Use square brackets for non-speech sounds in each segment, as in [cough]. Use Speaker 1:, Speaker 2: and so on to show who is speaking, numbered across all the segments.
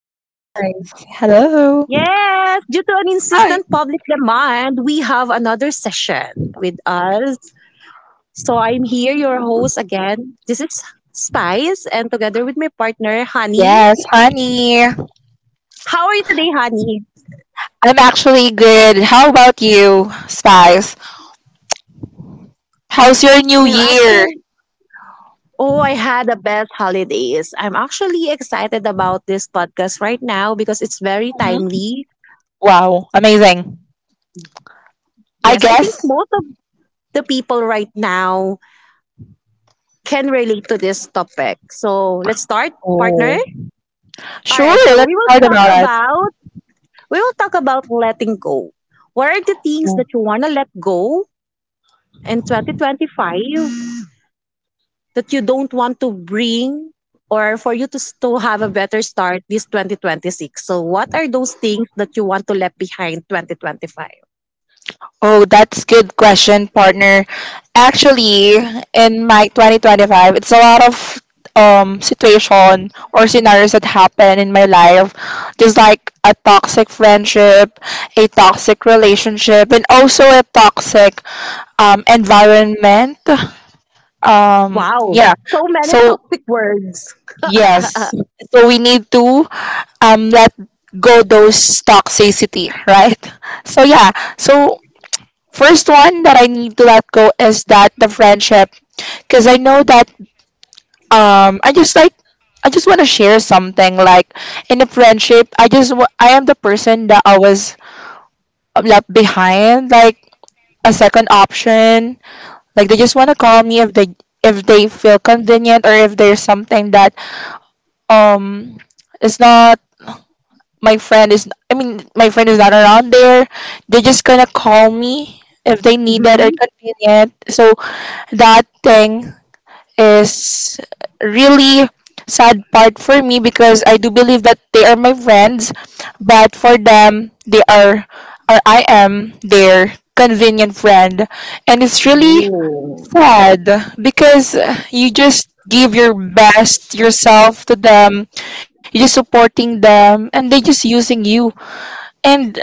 Speaker 1: I'm Spice. Hello.
Speaker 2: Yes, due to an
Speaker 1: Hi.
Speaker 2: insistent public demand, we have another session with us. So I'm here, your host again. This is Spice, and together with my partner, Honey.
Speaker 1: Yes, honey.
Speaker 2: How are you today, Honey?
Speaker 1: I'm actually good. How about you, Spice? How's your new
Speaker 2: I'm
Speaker 1: year?
Speaker 2: actually. Oh, I had the best holidays. I'm actually excited about this podcast right now because it's very
Speaker 1: Hmm.
Speaker 2: timely.
Speaker 1: Wow, amazing. I
Speaker 2: Yes, I think
Speaker 1: guess.
Speaker 2: most of the people right now can relate to this topic. So let's start, partner.
Speaker 1: Oh.
Speaker 2: All
Speaker 1: Sure,
Speaker 2: right. So
Speaker 1: let's talk about
Speaker 2: we will talk about letting go. What are the things
Speaker 1: it.
Speaker 2: that you want to let go in 2025 that you don't want to bring or for you to have a better start this 2026? So what are those things that you want to let behind 2025?
Speaker 1: Oh, that's good question, partner. Actually, in my 2025, it's a lot of situation or scenarios that happen in my life, just like a toxic friendship, a toxic relationship, and also a toxic environment.
Speaker 2: Wow,
Speaker 1: Yeah.
Speaker 2: so many
Speaker 1: So
Speaker 2: toxic words.
Speaker 1: yes, so we need to let go those toxicity, [laughs] right? So yeah, so first one that I need to let go is that the friendship, because I know that um I just like I just want to share something like in a friendship I am the person that I was left behind like a second option like they just want to call me if they feel convenient or if there's something that um is not my friend is I mean my friend is not around there. They're just gonna call me if they need it or
Speaker 2: Mm-hmm.
Speaker 1: convenient. So that thing is really sad part for me because I do believe that they are my friends, but for them they are or I am their convenient friend. And it's really
Speaker 2: Oh,
Speaker 1: sad because you just give your best yourself to them, you're just supporting them and they're just using you. And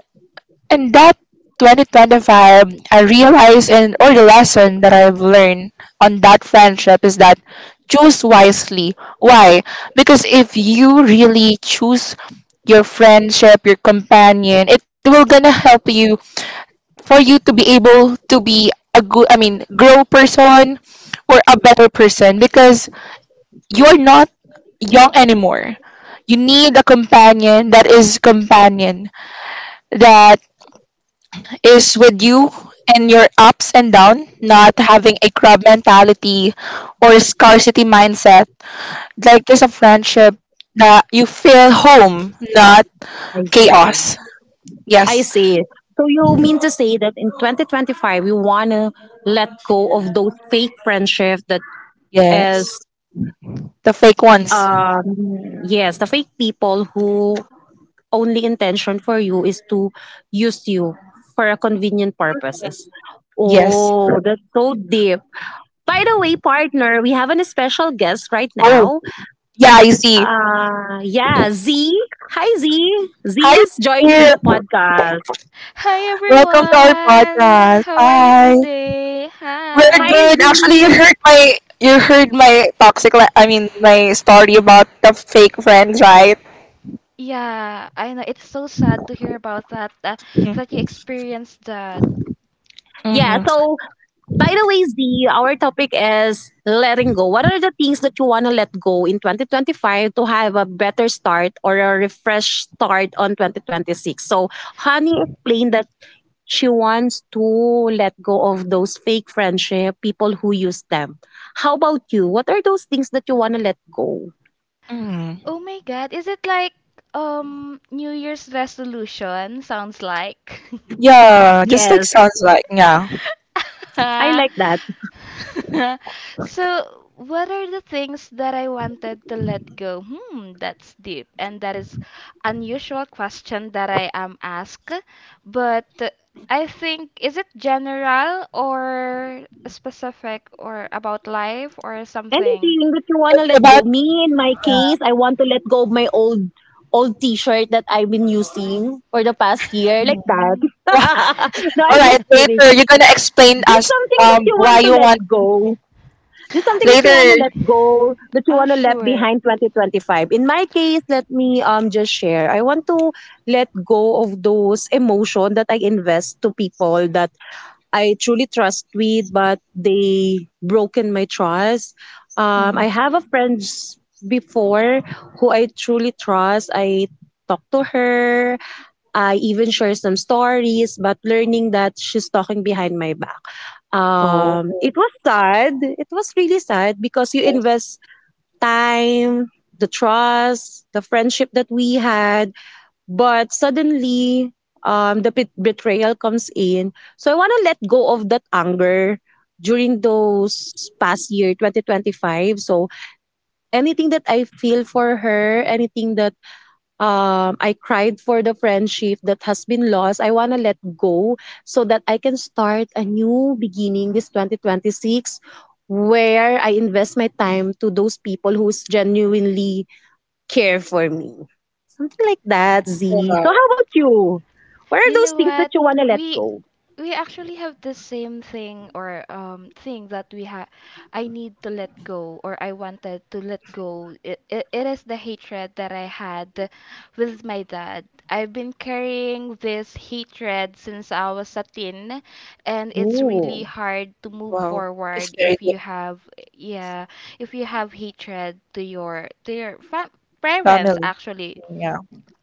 Speaker 1: in that 2025, I realized and or the lesson that I've learned on that friendship is that choose wisely. Why? Because if you really choose your friendship, your companion, it will gonna help you for you to be able to be a good, I mean, grow person or a better person because you're not young anymore. You need a companion that is with you and your ups and down, not having a crab mentality or scarcity mindset. Like there's a friendship that you feel home, not
Speaker 2: I see.
Speaker 1: chaos.
Speaker 2: I
Speaker 1: Yes.
Speaker 2: see. So you mean to say that in 2025 you want to let go of those fake friendship that is
Speaker 1: Yes. The fake ones.
Speaker 2: yes, the fake people who only intention for you is to use you for a convenient purposes.
Speaker 1: Yes.
Speaker 2: Oh, that's so deep. By the way, partner, we have an special guest right
Speaker 1: Oh,
Speaker 2: now.
Speaker 1: yeah, I see.
Speaker 2: Yeah, Z. Hi Z. Z
Speaker 1: Hi
Speaker 2: is joining
Speaker 1: here.
Speaker 2: the podcast.
Speaker 1: Welcome to our podcast. Hi. We're
Speaker 2: Hi
Speaker 3: Hi.
Speaker 1: good. Actually,
Speaker 2: Z.
Speaker 1: you heard my toxic. I mean, my story about the fake friends, right?
Speaker 3: Yeah, I know it's so sad to hear about that
Speaker 1: Mm-hmm.
Speaker 3: you experienced that.
Speaker 2: Yeah.
Speaker 1: Mm-hmm.
Speaker 2: So, by the way, Z, our topic is letting go. What are the things that you want to let go in 2025 to have a better start or a refresh start on 2026? So, Honey explained that she wants to let go of those fake friendship, people who use them. How about you? What are those things that you want to let go?
Speaker 1: Mm-hmm.
Speaker 3: Oh my God, is it like New Year's resolution sounds like? [laughs]
Speaker 1: Yeah, just like
Speaker 2: Yes,
Speaker 1: sounds like yeah.
Speaker 2: I
Speaker 3: [laughs]
Speaker 2: like that.
Speaker 3: [laughs] so, what are the things that I wanted to let go? Hmm, that's deep, and that is unusual question that I am asked. But I think is it general or specific or about life or something?
Speaker 2: Anything that you want
Speaker 1: It's
Speaker 2: to let
Speaker 1: about
Speaker 2: go. Me, in my
Speaker 1: yeah.
Speaker 2: case, I want to let go of my old T-shirt that I've been using for the past year,
Speaker 1: Mhm.
Speaker 2: like that.
Speaker 3: [laughs]
Speaker 2: [laughs] No,
Speaker 1: All
Speaker 2: I'm
Speaker 1: right,
Speaker 2: just kidding.
Speaker 1: later you're gonna explain
Speaker 2: Just
Speaker 1: us
Speaker 2: something that you
Speaker 1: why
Speaker 2: want to
Speaker 1: you
Speaker 2: let
Speaker 1: want
Speaker 2: go. Just something that you want
Speaker 1: later.
Speaker 2: to let go, that you
Speaker 3: Ah,
Speaker 2: want to let
Speaker 3: sure.
Speaker 2: behind 2025. In my case, let me just share. I want to let go of those emotion that I invest to people that I truly trust with, but they broken my trust. I
Speaker 1: Mm.
Speaker 2: have a friend before who I truly trust. I talk to her. I even share some stories, but learning that she's talking behind my back.
Speaker 1: Oh
Speaker 2: It was sad. It was really sad because you
Speaker 1: yes.
Speaker 2: invest time, the trust, the friendship that we had. But suddenly, betrayal comes in. So I want to let go of that anger during those past year 2025, so anything that I feel for her, anything that I cried for, the friendship that has been lost, I want to let go so that I can start a new beginning this 2026, where I invest my time to those people who's genuinely care for me. Something like that, Z.
Speaker 1: Oh,
Speaker 2: So
Speaker 1: wow.
Speaker 2: how about you? What are
Speaker 3: You
Speaker 2: those
Speaker 3: know
Speaker 2: things that
Speaker 3: what?
Speaker 2: you want to let
Speaker 3: We
Speaker 2: go?
Speaker 3: we actually have the same thing or thing that we have I need to let go, or I wanted to let go it. Is the hatred that I had with my dad. I've been carrying this hatred since I was a teen, and it's really
Speaker 2: Oh.
Speaker 3: hard to move
Speaker 1: Wow. It's
Speaker 3: forward
Speaker 1: very
Speaker 3: if
Speaker 1: good
Speaker 3: you have, yeah, if you have hatred to your parents
Speaker 1: family.
Speaker 3: actually
Speaker 1: Yeah.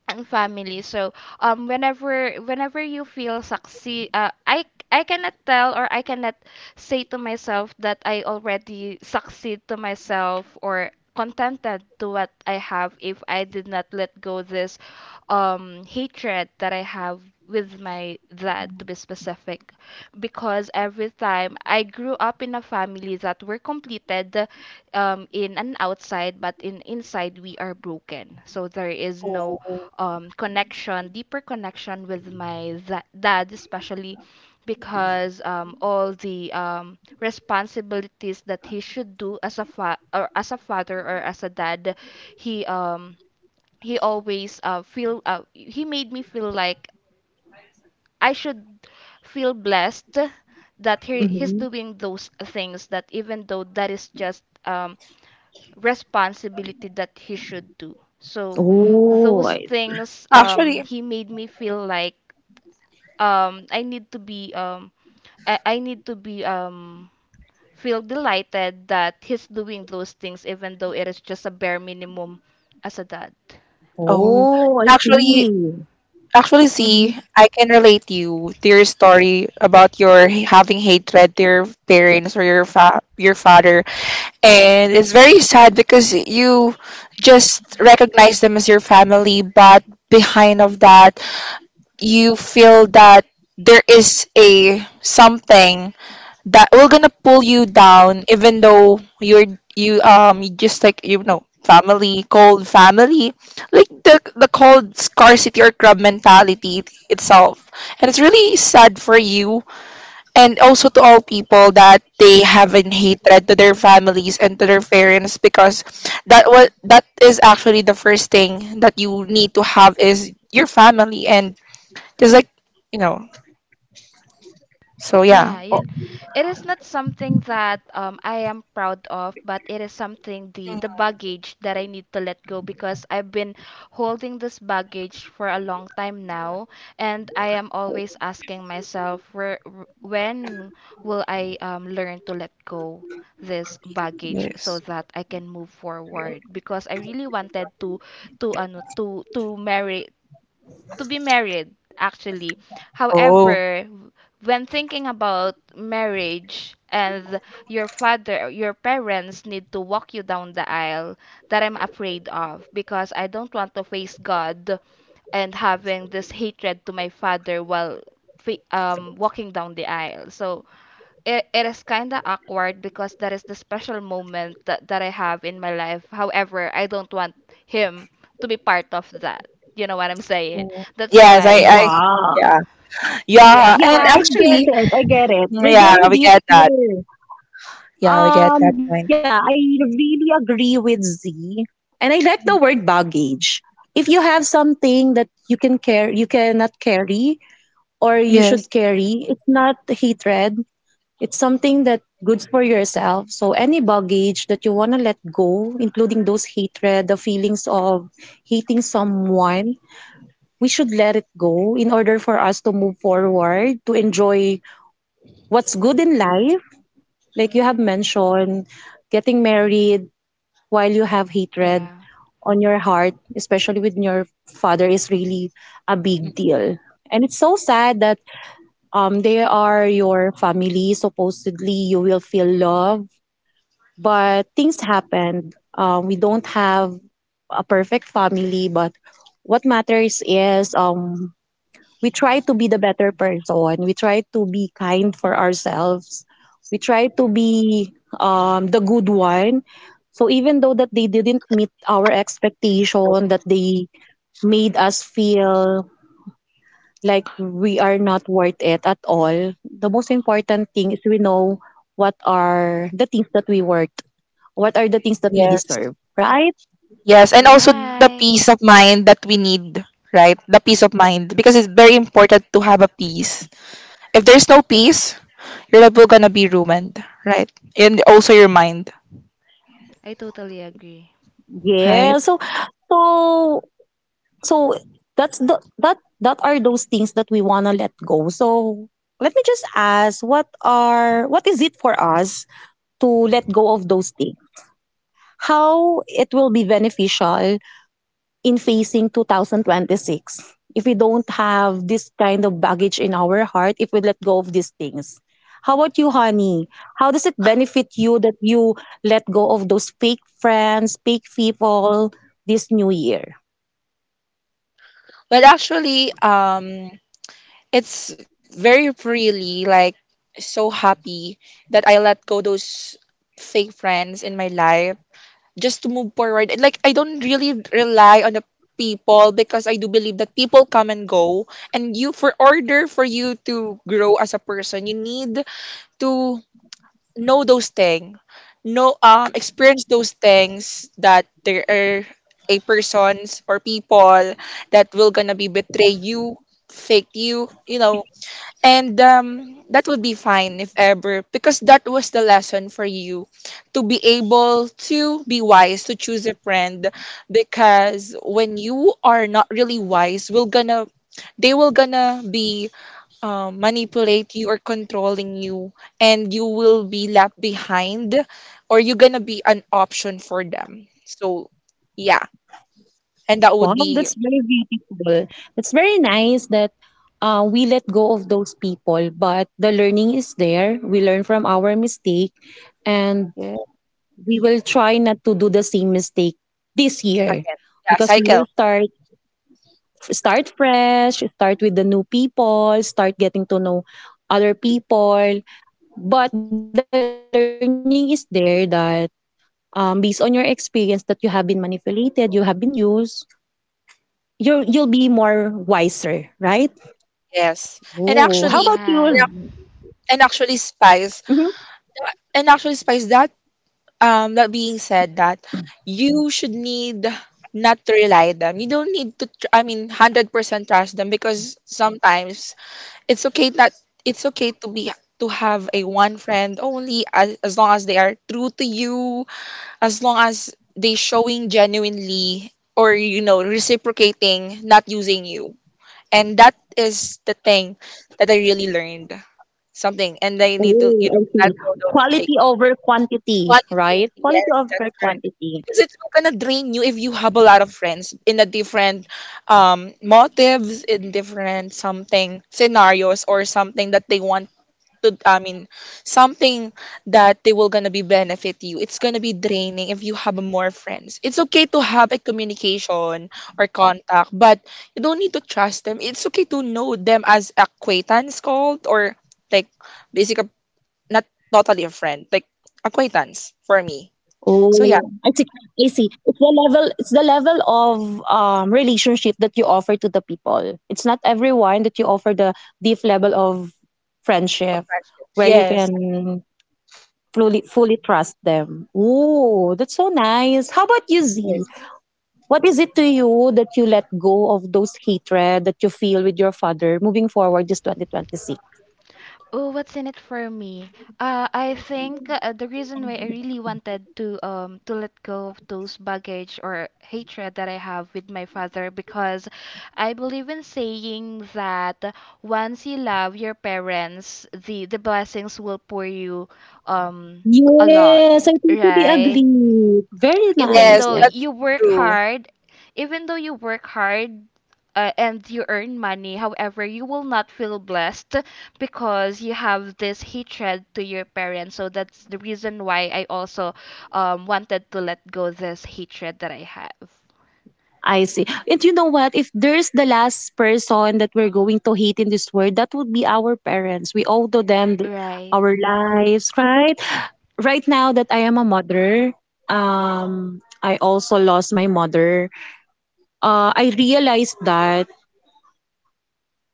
Speaker 3: and family. So whenever you feel succeed, I cannot tell or I cannot say to myself that I already succeed to myself or contented to what I have if I did not let go this hatred that I have with my dad to be specific. Because every time, I grew up in a family that were completed, in and outside, but in inside we are broken, so there is no
Speaker 1: Oh.
Speaker 3: connection, deeper connection with my dad, especially because all the responsibilities that he should do as a father or as a dad, he um, he always feel he made me feel like I should feel blessed that he's
Speaker 2: Mm-hmm.
Speaker 3: doing those things, that even though that is just responsibility that he should do. So
Speaker 2: Oh,
Speaker 3: those
Speaker 2: I,
Speaker 3: things,
Speaker 1: Actually,
Speaker 3: he made me feel like I need to be I need to be feel delighted that he's doing those things even though it is just a bare minimum as a dad.
Speaker 1: oh,
Speaker 2: oh, I
Speaker 1: actually,
Speaker 2: see.
Speaker 1: actually,
Speaker 2: Mm-hmm.
Speaker 1: see, I can relate you to your story about your having hatred to your parents or your fa your father. And it's very sad because you just recognize them as your family but behind of that you feel that there is a something that will gonna pull you down even though you're you just like, you know, family cold family, like the cold scarcity or crab mentality itself. And it's really sad for you and also to all people that they have in hatred to their families and to their parents because that is actually the first thing that you need to have is your family and just like you know so yeah.
Speaker 3: Yeah, yun. It is not something that I am proud of, but it is something, the
Speaker 1: Mm.
Speaker 3: baggage that I need to let go, because I've been holding this baggage for a long time now. And I am always asking myself, when will I learn to let go this baggage
Speaker 1: Yes.
Speaker 3: so that I can move forward, because I really wanted to marry, to be married actually.
Speaker 1: Oh.
Speaker 3: However, when thinking about marriage, and your father, your parents need to walk you down the aisle, that I'm afraid of, because I don't want to face God and having this hatred to my father while walking down the aisle. So it is kind of awkward, because that is the special moment that, that I have in my life. However, I don't want him to be part of that. You know what I'm saying?
Speaker 1: Oh.
Speaker 3: That's
Speaker 1: Yes.
Speaker 3: why,
Speaker 1: I
Speaker 2: Wow.
Speaker 1: yeah yeah
Speaker 3: yeah,
Speaker 2: Yeah,
Speaker 1: and
Speaker 3: for
Speaker 2: I
Speaker 3: [laughs]
Speaker 2: get
Speaker 1: actually
Speaker 2: it. I get it. We're
Speaker 1: yeah
Speaker 2: getting
Speaker 1: we
Speaker 2: deep
Speaker 1: get that,
Speaker 2: here.
Speaker 1: yeah we get that
Speaker 2: Yeah, I
Speaker 1: point.
Speaker 2: really agree with Z. And I like the word
Speaker 1: Mm.
Speaker 2: baggage. If you have something that you cannot carry or you should
Speaker 1: Yes.
Speaker 2: carry, it's not hatred. It's something that good for yourself. So any baggage that you want to let go, including those hatred, the feelings of hating someone, we should let it go in order for us to move forward, to enjoy what's good in life. Like you have mentioned, getting married while you have hatred
Speaker 3: yeah.
Speaker 2: on your heart, especially with your father, is really a
Speaker 1: Mm.
Speaker 2: big deal. And it's so sad that they are your family. Supposedly, you will feel love, but things happened. We don't have a perfect family, but what matters is, we try to be the better person. We try to be kind for ourselves. We try to be the good one. So even though that they didn't meet our expectation, that they made us feel like we are not worth it at all, the most important thing is we know what are the things that we worth. What are the things that we
Speaker 1: Yes.
Speaker 2: deserve, right?
Speaker 1: Yes, and also the peace
Speaker 3: Right.
Speaker 1: of mind that we need, right? The peace of mind because it's very important to have a peace. If there's no peace, your life will gonna be ruined, right? And also your mind,
Speaker 3: I totally agree.
Speaker 1: right?
Speaker 2: Yeah. So so that's that that are those things that we want to let go. So let me just ask what is it for us to let go of those things? How it will be beneficial in facing 2026 if we don't have this kind of baggage in our heart, if we let go of these things? How about you, Honey? How does it benefit you that you let go of those fake friends, fake people, this new year?
Speaker 1: But actually, it's very freely, like so happy that I let go those fake friends in my life just to move forward. And, like I don't really rely on the people because I do believe that people come and go and you for order for you to grow as a person, you need to know those things. Know experience those things that there are a persons or people that will gonna be betray you, fake you, you know, and that would be fine if ever, because that was the lesson for you to be able to be wise to choose a friend. Because when you are not really wise, will gonna they will gonna be manipulate you or controlling you, and you will be left behind, or you're gonna be an option for them. So yeah, and that would
Speaker 2: Wow,
Speaker 1: be
Speaker 2: that's very beautiful. That's very nice that we let go of those people, but the learning is there. We learn from our mistake, and
Speaker 1: yeah.
Speaker 2: we will try not to do the same mistake this year,
Speaker 1: Again, yeah,
Speaker 2: because we will
Speaker 1: cycle.
Speaker 2: start fresh, start with the new people, start getting to know other people. But the learning is there that based on your experience that you have been manipulated, you have been used, you'll be more wiser, right?
Speaker 1: Yes,
Speaker 2: Oh, how
Speaker 1: and
Speaker 2: about
Speaker 1: actually,
Speaker 2: you?
Speaker 1: and
Speaker 3: Yeah.
Speaker 1: ac- and actually, spice.
Speaker 2: Mhm.
Speaker 1: And actually, Spice, that that being said, that you should need not to rely them. You don't need to. I mean, 100% trust them because sometimes it's okay that it's okay to be to have a one friend only as long as they are true to you, as long as they showing genuinely or you know reciprocating, not using you. And that is the thing that I really learned something, and I need to
Speaker 2: Oh,
Speaker 1: you know
Speaker 2: I
Speaker 1: let
Speaker 2: see.
Speaker 1: go those
Speaker 2: Quality
Speaker 1: fake.
Speaker 2: over quantity,
Speaker 1: Quality.
Speaker 2: right? Quality
Speaker 1: Yes,
Speaker 2: over
Speaker 1: that's correct.
Speaker 2: quantity.
Speaker 1: Because it's not gonna drain you if you have a lot of friends in a different motives, in different something scenarios or something that they want to I mean something that they will gonna be benefit you. It's gonna be draining if you have more friends. It's okay to have a communication or contact, but you don't need to trust them. It's okay to know them as acquaintance called or like basic not totally a friend, like acquaintance for me.
Speaker 2: Oh, I
Speaker 1: So
Speaker 2: see.
Speaker 1: yeah,
Speaker 2: I see. It's the level. It's the level of relationship that you offer to the people. It's not everyone that you offer the deep level of friendship where you
Speaker 1: yes,
Speaker 2: can fully trust them. Oh, that's so nice. How about you, Z?
Speaker 1: yes,
Speaker 2: What is it to you that you let go of those hatred that you feel with your father moving forward this 2026?
Speaker 3: Oh, what's in it for me? I think the reason why I really wanted to let go of those baggage or hatred that I have with my father, because I believe in saying that once you love your parents, the blessings will pour you um a lot,
Speaker 2: Yes, I totally
Speaker 3: right?
Speaker 2: agree. Very
Speaker 3: Even
Speaker 2: nice.
Speaker 1: yes,
Speaker 3: though
Speaker 1: that's
Speaker 3: you work
Speaker 1: true.
Speaker 3: hard, even though you work hard and you earn money, however, you will not feel blessed because you have this hatred to your parents. So that's the reason why I also wanted to let go this hatred that I have.
Speaker 2: I see. And you know what? If there's the last person that we're going to hate in this world, that would be our parents. We owe to them
Speaker 3: Right,
Speaker 2: our lives, right? Right now that I am a mother, I also lost my mother. I realized that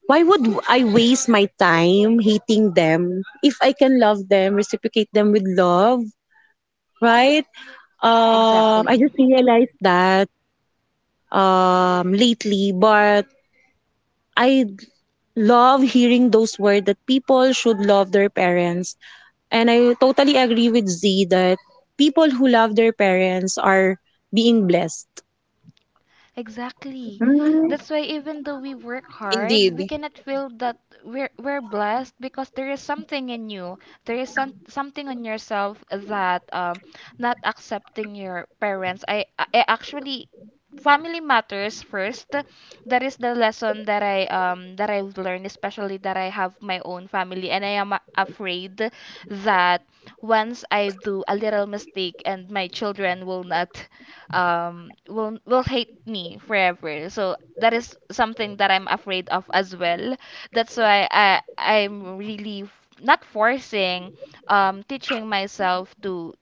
Speaker 2: why would I waste my time hating them if I can love them, reciprocate them with love, right? I
Speaker 3: exactly.
Speaker 2: just realized that lately, but I love hearing those words that people should love their parents. And I totally agree with Z that people who love their parents are being blessed.
Speaker 3: Exactly.
Speaker 2: Mm.
Speaker 3: That's why even though we work hard,
Speaker 1: Indeed.
Speaker 3: we cannot feel that we're blessed, because there is something in you. There is something on yourself that not accepting your parents. I actually, family matters first. That is the lesson that I've learned, especially that I have my own family and I am afraid that once I do a little mistake, and my children will not will hate me forever. So that is something that I'm afraid of as well. That's why I'm really not forcing, teaching myself to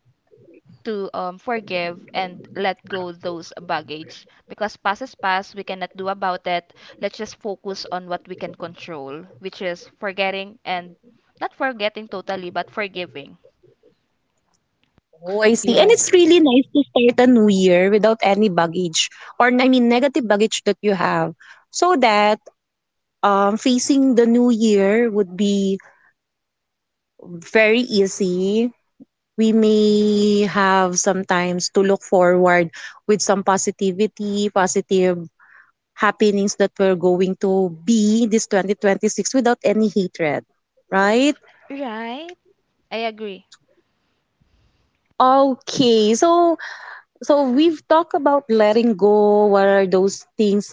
Speaker 3: forgive and let go those baggage, because past is past, we cannot do about it. Let's just focus on what we can control, which is forgetting, and not forgetting totally but forgiving.
Speaker 2: Oh, I see.
Speaker 1: Yeah.
Speaker 2: And it's really nice to start a new year without any baggage, or I mean negative baggage that you have. So that, facing the new year would be very easy. We may have sometimes to look forward with some positivity, positive happenings that we're going to be this 2026 without any hatred, right?
Speaker 3: Right? I agree.
Speaker 2: Okay, so we've talked about letting go, what are those things,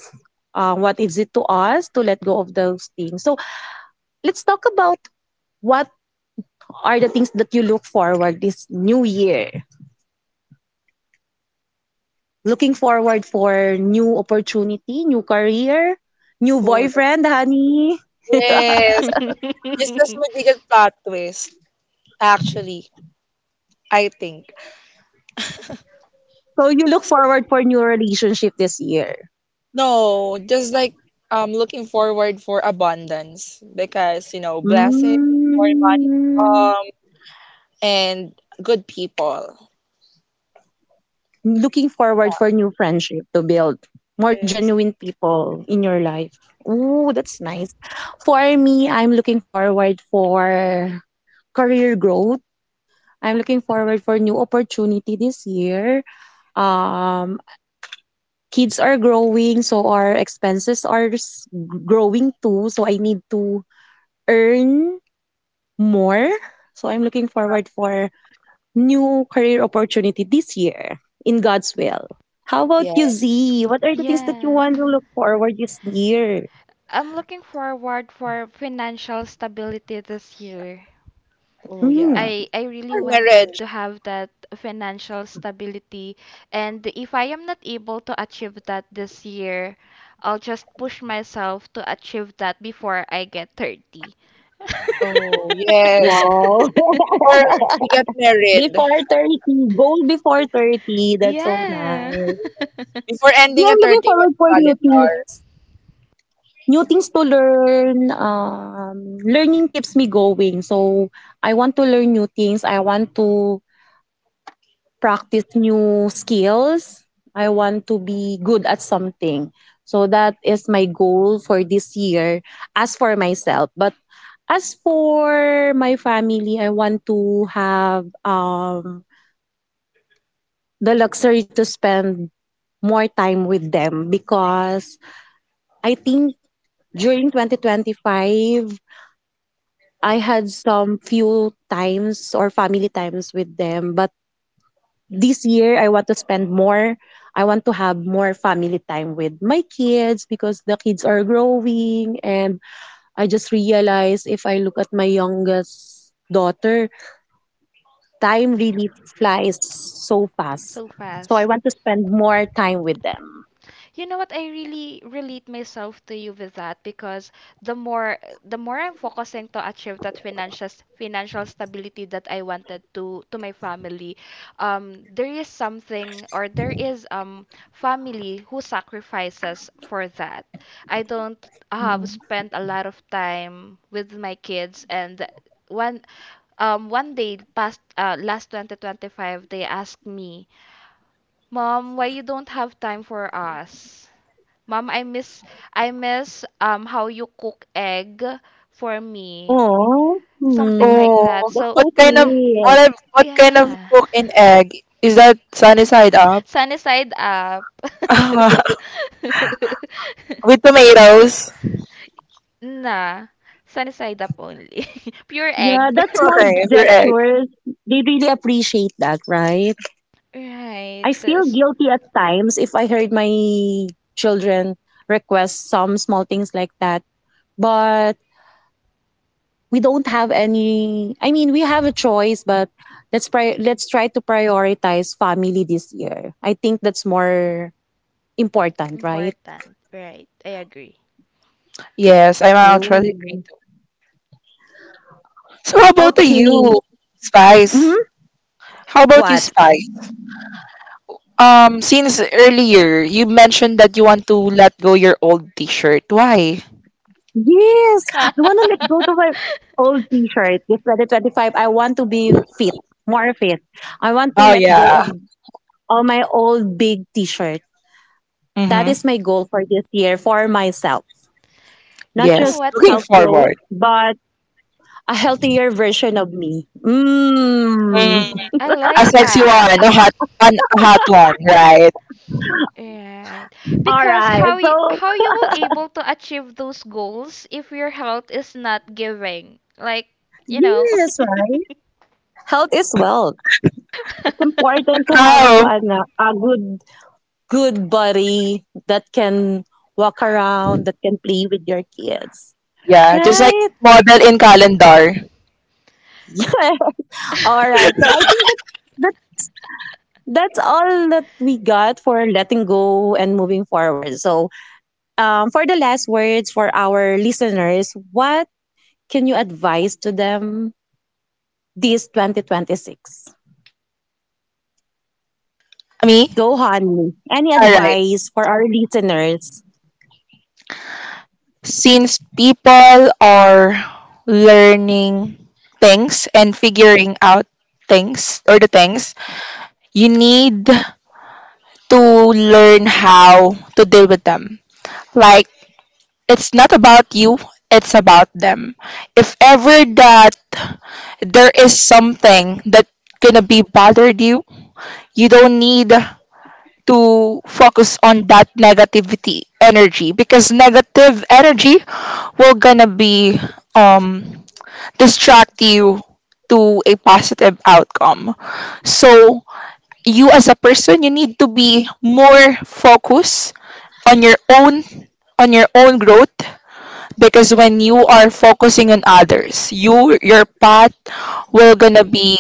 Speaker 2: what is it to us to let go of those things. So let's talk about what are the things that you look forward this new year. Looking forward for new opportunity, new career, new
Speaker 1: Oh, the-
Speaker 2: boyfriend, Honey?
Speaker 1: yes. Just as
Speaker 3: [laughs]
Speaker 1: magical plot twist, actually, I think.
Speaker 2: So you look
Speaker 1: So,
Speaker 2: forward for new relationship this year?
Speaker 1: no, just like looking forward for abundance because, you know, blessing, more money to
Speaker 2: Mm,
Speaker 1: come, and good people.
Speaker 2: looking forward for new friendship to build more
Speaker 1: Yes.
Speaker 2: genuine people in your life. Ooh, that's nice. For me, I'm looking forward for career growth. I'm looking forward for new opportunity this year. Um, kids are growing, so our expenses are growing too. So I need to earn more. So I'm looking forward for new career opportunity this year, in God's will. How about
Speaker 1: Yeah.
Speaker 2: you, Z? What are the things that you
Speaker 3: Yeah,
Speaker 2: want to look forward this year?
Speaker 3: I'm looking forward for financial stability this year.
Speaker 1: Oh, yeah.
Speaker 2: Mm.
Speaker 3: I really
Speaker 1: Or
Speaker 3: wanted
Speaker 1: marriage.
Speaker 3: to have that financial stability, and if I am not able to achieve that this year, I'll just push myself to achieve that before I get 30.
Speaker 1: Oh, yes.
Speaker 2: Wow.
Speaker 1: Before
Speaker 3: [laughs]
Speaker 1: she get
Speaker 2: [laughs]
Speaker 1: married.
Speaker 2: Before 30, goal before 30. That's so
Speaker 3: Yeah.
Speaker 2: nice.
Speaker 1: Before
Speaker 2: Yeah,
Speaker 1: ending a
Speaker 2: I'm looking
Speaker 1: 31
Speaker 2: forward for new things.
Speaker 1: calendar.
Speaker 2: New things to learn. Learning keeps me going. So, I want to learn new things. I want to practice new skills. I want to be good at something. So that is my goal for this year as for myself. But as for my family, I want to have, the luxury to spend more time with them, because I think during 2025, I had some few times or family times with them, but this year I want to spend more I want to have more family time with my kids, because the kids are growing, and I just realized if I look at my youngest daughter, time really flies so
Speaker 3: [laughs]
Speaker 2: fast.
Speaker 3: So
Speaker 2: So I
Speaker 3: fast.
Speaker 2: want to spend more time with them.
Speaker 3: You know what? I really relate myself to you with that, because the more the more I'm focusing to achieve that financial stability that I wanted to my family, there is something, or there is family who sacrifices for that. I don't have
Speaker 1: Mm.
Speaker 3: spent a lot of time with my kids, and one one day past last 2025, they asked me, "Mom, why you don't have time for us? Mom, I miss, how you cook egg for me."
Speaker 2: Oh,
Speaker 3: Something
Speaker 2: hmm.
Speaker 3: like that.
Speaker 1: Oh,
Speaker 2: That's
Speaker 3: So,
Speaker 1: what
Speaker 2: so
Speaker 1: kind of
Speaker 2: sweet.
Speaker 1: what kind of
Speaker 3: yeah.
Speaker 1: cook in egg? Is that sunny side up?
Speaker 3: Sunny side up.
Speaker 1: [laughs]
Speaker 3: [laughs]
Speaker 1: With
Speaker 3: Di-
Speaker 1: tomatoes.
Speaker 3: nah. Sunny side up only. [laughs] Pure
Speaker 2: Yeah,
Speaker 3: egg. [laughs]
Speaker 2: that
Speaker 1: Okay,
Speaker 2: small
Speaker 1: it's your egg.
Speaker 2: gestures, they really appreciate that, right?
Speaker 3: Right.
Speaker 2: I feel
Speaker 3: That's
Speaker 2: guilty at times if I heard my children request some small things like that. But we don't have any I mean we have a choice, but let's try to prioritize family this year. I think that's more important, right?
Speaker 3: important. Right. I agree.
Speaker 1: Yes, I'm actually.
Speaker 2: Mm.
Speaker 1: So how about the
Speaker 2: Okay.
Speaker 1: you,
Speaker 2: Hmm.
Speaker 1: Spice? How about you,
Speaker 2: What?
Speaker 1: Spice? Since earlier you mentioned that you want to let go your old T-shirt. Why?
Speaker 2: Yes. I want to let
Speaker 3: [laughs]
Speaker 2: go to my old t-shirt. This 2025, I want to be fit, more fit. I want to
Speaker 1: Oh
Speaker 2: let go
Speaker 1: yeah.
Speaker 2: of all my old big t-shirts. That
Speaker 1: Mm-hmm.
Speaker 2: is my goal for this year for myself. Not
Speaker 3: You know
Speaker 1: Yes.
Speaker 2: just
Speaker 3: what?
Speaker 1: Looking
Speaker 2: self growth,
Speaker 1: forward.
Speaker 2: but a healthier version of me. Mm.
Speaker 3: Mm, I
Speaker 1: A
Speaker 3: like
Speaker 1: sexy
Speaker 3: that.
Speaker 1: one, an, a hot one, right?
Speaker 3: Right.
Speaker 2: All
Speaker 3: Because
Speaker 2: right. So,
Speaker 3: how you will able to achieve those goals if your health is not giving? Like, you know.
Speaker 2: yes, right. Health is wealth. It's
Speaker 3: [laughs]
Speaker 2: important to have a,
Speaker 1: How?
Speaker 2: a, a good, good body that can walk around, that can play with your kids.
Speaker 1: Yeah, just like
Speaker 2: Right? [laughs]
Speaker 1: model in calendar.
Speaker 2: Yeah. All right. So, I think that that's that's all that we got for letting go and moving forward. For the last words for our listeners, what can you advise to them this 2026?
Speaker 1: Me?
Speaker 2: Go, honey. Any
Speaker 1: Alright.
Speaker 2: advice for our listeners?
Speaker 1: Since people are learning things and figuring out things or the things, you need to learn how to deal with them. Like, it's not about you, it's about them. If ever that there is something that gonna be bothered you, you don't need to focus on that negativity energy because negative energy will gonna be um distract you to a positive outcome. So you as a person you need to be more focused on your own on your own growth because when you are focusing on others you your path will gonna be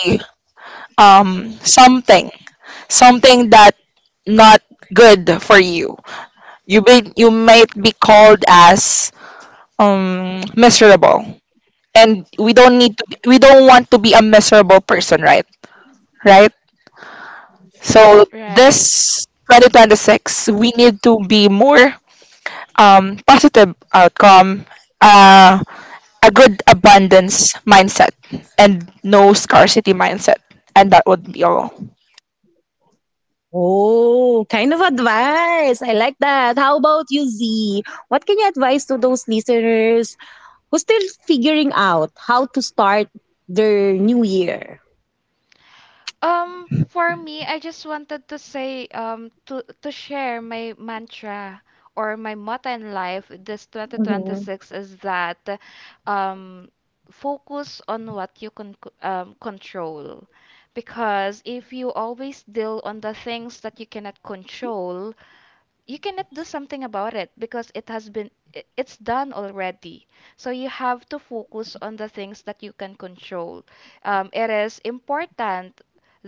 Speaker 1: um something something that not good for you. You might be called as miserable, and we don't need to. We don't want to be a miserable person, right? Right. So
Speaker 3: Right.
Speaker 1: this 2026, we need to be more positive outcome, uh, a good abundance mindset, and no scarcity mindset, and that would be all.
Speaker 2: Oh, kind of advice. I like that. How about you, Z? What can you advise to those listeners who still figuring out how to start their new year?
Speaker 3: For me, I just wanted to say, to share my mantra or my motto in life this
Speaker 2: Mhm.
Speaker 3: 2026 is that, um, focus on what you can control, because if you always deal on the things that you cannot control, you cannot do something about it because it has been it's done already. So you have to focus on the things that you can control. It is important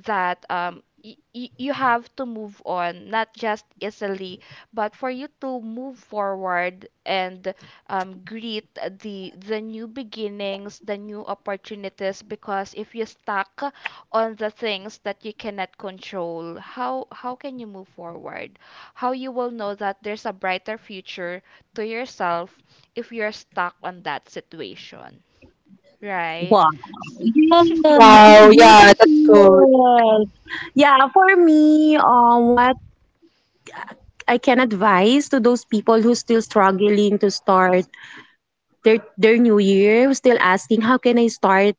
Speaker 3: that you have to move on, not just easily, but for you to move forward and greet the new beginnings, the new opportunities. Because if you stuck on the things that you cannot control, how can you move forward? How you will know that there's a brighter future to yourself if you're stuck on that situation, right?
Speaker 2: Wow.
Speaker 3: S- [laughs]
Speaker 2: Yes,
Speaker 1: Wow. Yeah, that's good.
Speaker 2: beautiful. Yeah, for me, what I can advise to those people who still struggling to start their new year, who's still asking how can I start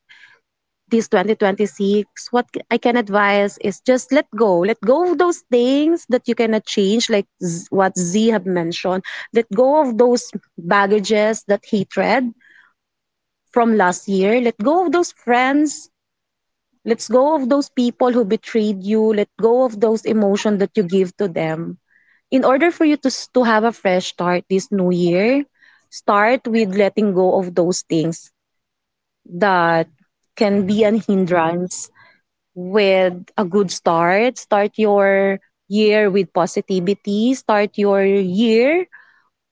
Speaker 2: this 2026? I can advise is just let go. Let go of those things that you cannot change like what Z have mentioned. Let go of those baggages, that hatred from last year. Let go of those friends. Let go of those people who betrayed you. Let go of those emotions that you give to them in order for you to have a fresh start this new year, start with letting go of those things that can be an hindrance with a good start. Start your year with positivity. Start your year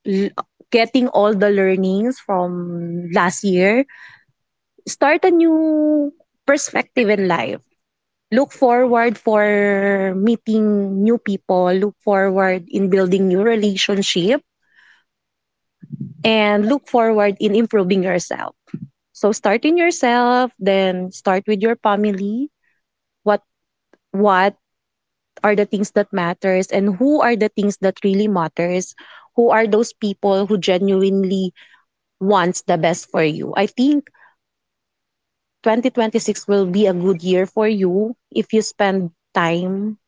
Speaker 2: l- getting all the learnings from last year. Start a new perspective in life. Look forward for meeting new people. Look forward in building new relationship and look forward in improving yourself. So start in yourself, then start with your family. What what are the things that matters and who are the things that really matters? Who are those people who genuinely wants the best for you? I think 2026 will be a good year for you if you spend time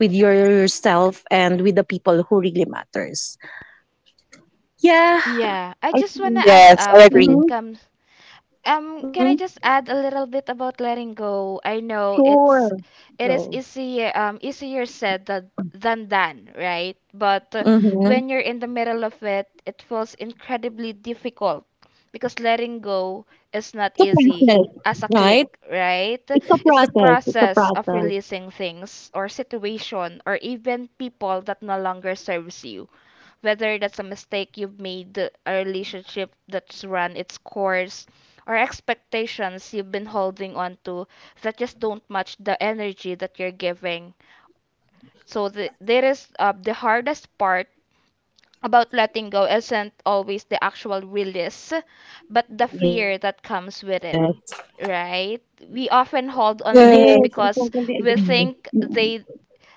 Speaker 2: with yourself and with the people who really matters. Yeah,
Speaker 3: Yeah, I
Speaker 2: I
Speaker 3: just want
Speaker 2: think.
Speaker 3: to add
Speaker 1: Yes, I
Speaker 3: up when
Speaker 1: agree.
Speaker 3: it
Speaker 2: Mhm.
Speaker 3: comes. Can I
Speaker 2: Mhm.
Speaker 3: just add a little bit about letting go? I know it's,
Speaker 2: Sure.
Speaker 3: it is
Speaker 2: So,
Speaker 3: easy, easier said than done, right? But
Speaker 2: mhm,
Speaker 3: when you're in the middle of it, it feels incredibly difficult, because letting go is not easy as a
Speaker 2: right?
Speaker 3: click, right? It's the process of releasing things or situation or even people that no longer serves you, whether that's a mistake you've made, a relationship that's run its course, or expectations you've been holding on to that just don't match the energy that you're giving. So there is the hardest part about letting go isn't always the actual release, but the fear
Speaker 2: Yes.
Speaker 3: that comes with it, right? We often
Speaker 2: Yes,
Speaker 3: hold
Speaker 2: I
Speaker 3: on things
Speaker 2: totally
Speaker 1: Yes.
Speaker 3: because
Speaker 2: agree.
Speaker 3: we think they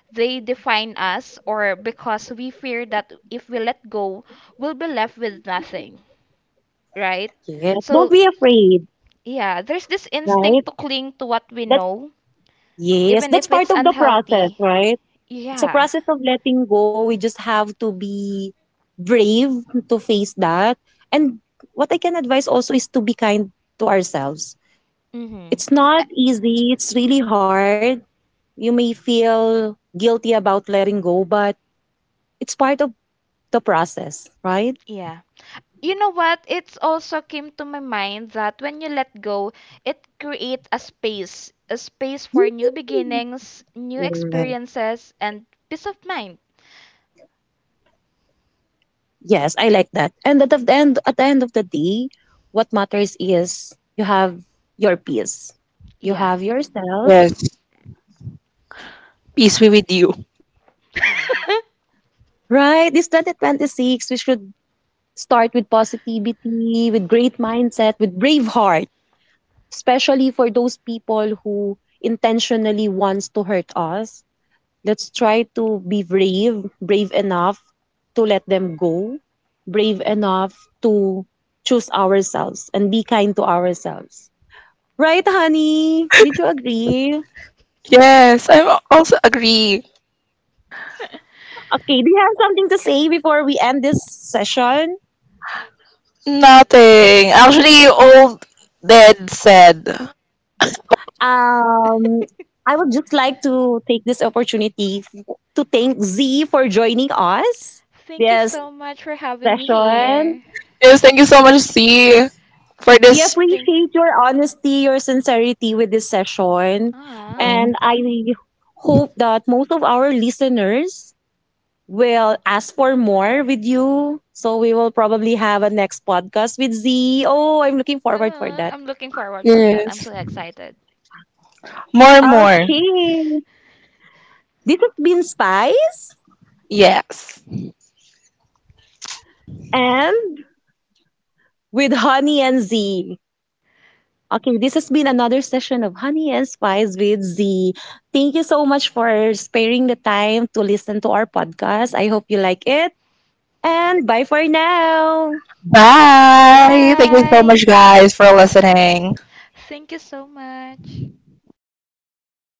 Speaker 3: they define us, or because we fear that if we let go, we'll be left with nothing, right?
Speaker 2: Yes. Don't
Speaker 3: So,
Speaker 2: be afraid,
Speaker 3: yeah, there's this
Speaker 2: right?
Speaker 3: instinct to cling to what we
Speaker 2: That's
Speaker 3: know,
Speaker 2: yes,
Speaker 3: even
Speaker 2: that's
Speaker 3: if
Speaker 2: part
Speaker 3: it's
Speaker 2: of the process,
Speaker 3: unhealthy.
Speaker 2: right? It's a
Speaker 3: Yeah.
Speaker 2: process of letting go. We just have to be brave to face that. And what I can advise also is to be kind to ourselves.
Speaker 3: Mm-hmm.
Speaker 2: It's
Speaker 3: Uh,
Speaker 2: not easy, it's really hard. You may feel guilty about letting go, but it's part of the process, right?
Speaker 3: yeah. You know what? It's also came to my mind that when you let go, it creates a space for new beginnings, new
Speaker 2: Yes.
Speaker 3: experiences, and peace of mind.
Speaker 2: Yes, I like that. And at the end of the day, what matters is you have your peace. You
Speaker 3: Yeah.
Speaker 2: have
Speaker 1: Yes.
Speaker 2: yourself.
Speaker 1: Peace be with you.
Speaker 2: Right? This 2026, we should start with positivity, with great mindset, with brave heart, especially for those people who intentionally wants to hurt us. Let's try to be brave, brave enough to let them go, brave enough to choose ourselves and be kind to ourselves. Right, honey? Did you agree?
Speaker 1: Yes, also agree.
Speaker 3: [laughs]
Speaker 2: Okay, do you have something to say before we end this session?
Speaker 1: Nothing. Actually, all dead said.
Speaker 2: Um, I would just like to take this opportunity to thank Z for joining us
Speaker 3: Thank you
Speaker 2: this
Speaker 3: so much for having me
Speaker 2: session.
Speaker 3: here.
Speaker 1: Yes, thank you so much, C, for
Speaker 2: We
Speaker 1: this.
Speaker 3: Thank
Speaker 2: appreciate your honesty, your sincerity with this session.
Speaker 3: ah,
Speaker 2: And
Speaker 1: Mm.
Speaker 2: I hope that most of our listeners will ask for more with you. So we will probably have a next podcast with Z. Oh, I'm looking forward for that.
Speaker 3: I'm looking forward for that. I'm
Speaker 1: Yes.
Speaker 3: so excited.
Speaker 1: More,
Speaker 3: [laughs]
Speaker 1: more.
Speaker 2: Okay. This has been Spice
Speaker 1: Yes.
Speaker 2: and with Honey and Z. Okay, this has been another session of Honey and Spice with Z. Thank you so much for sparing the time to listen to our podcast. I hope you like it. And bye for now.
Speaker 1: Bye. Thank you so much,
Speaker 3: Bye.
Speaker 1: guys, for listening.
Speaker 3: Thank you so much.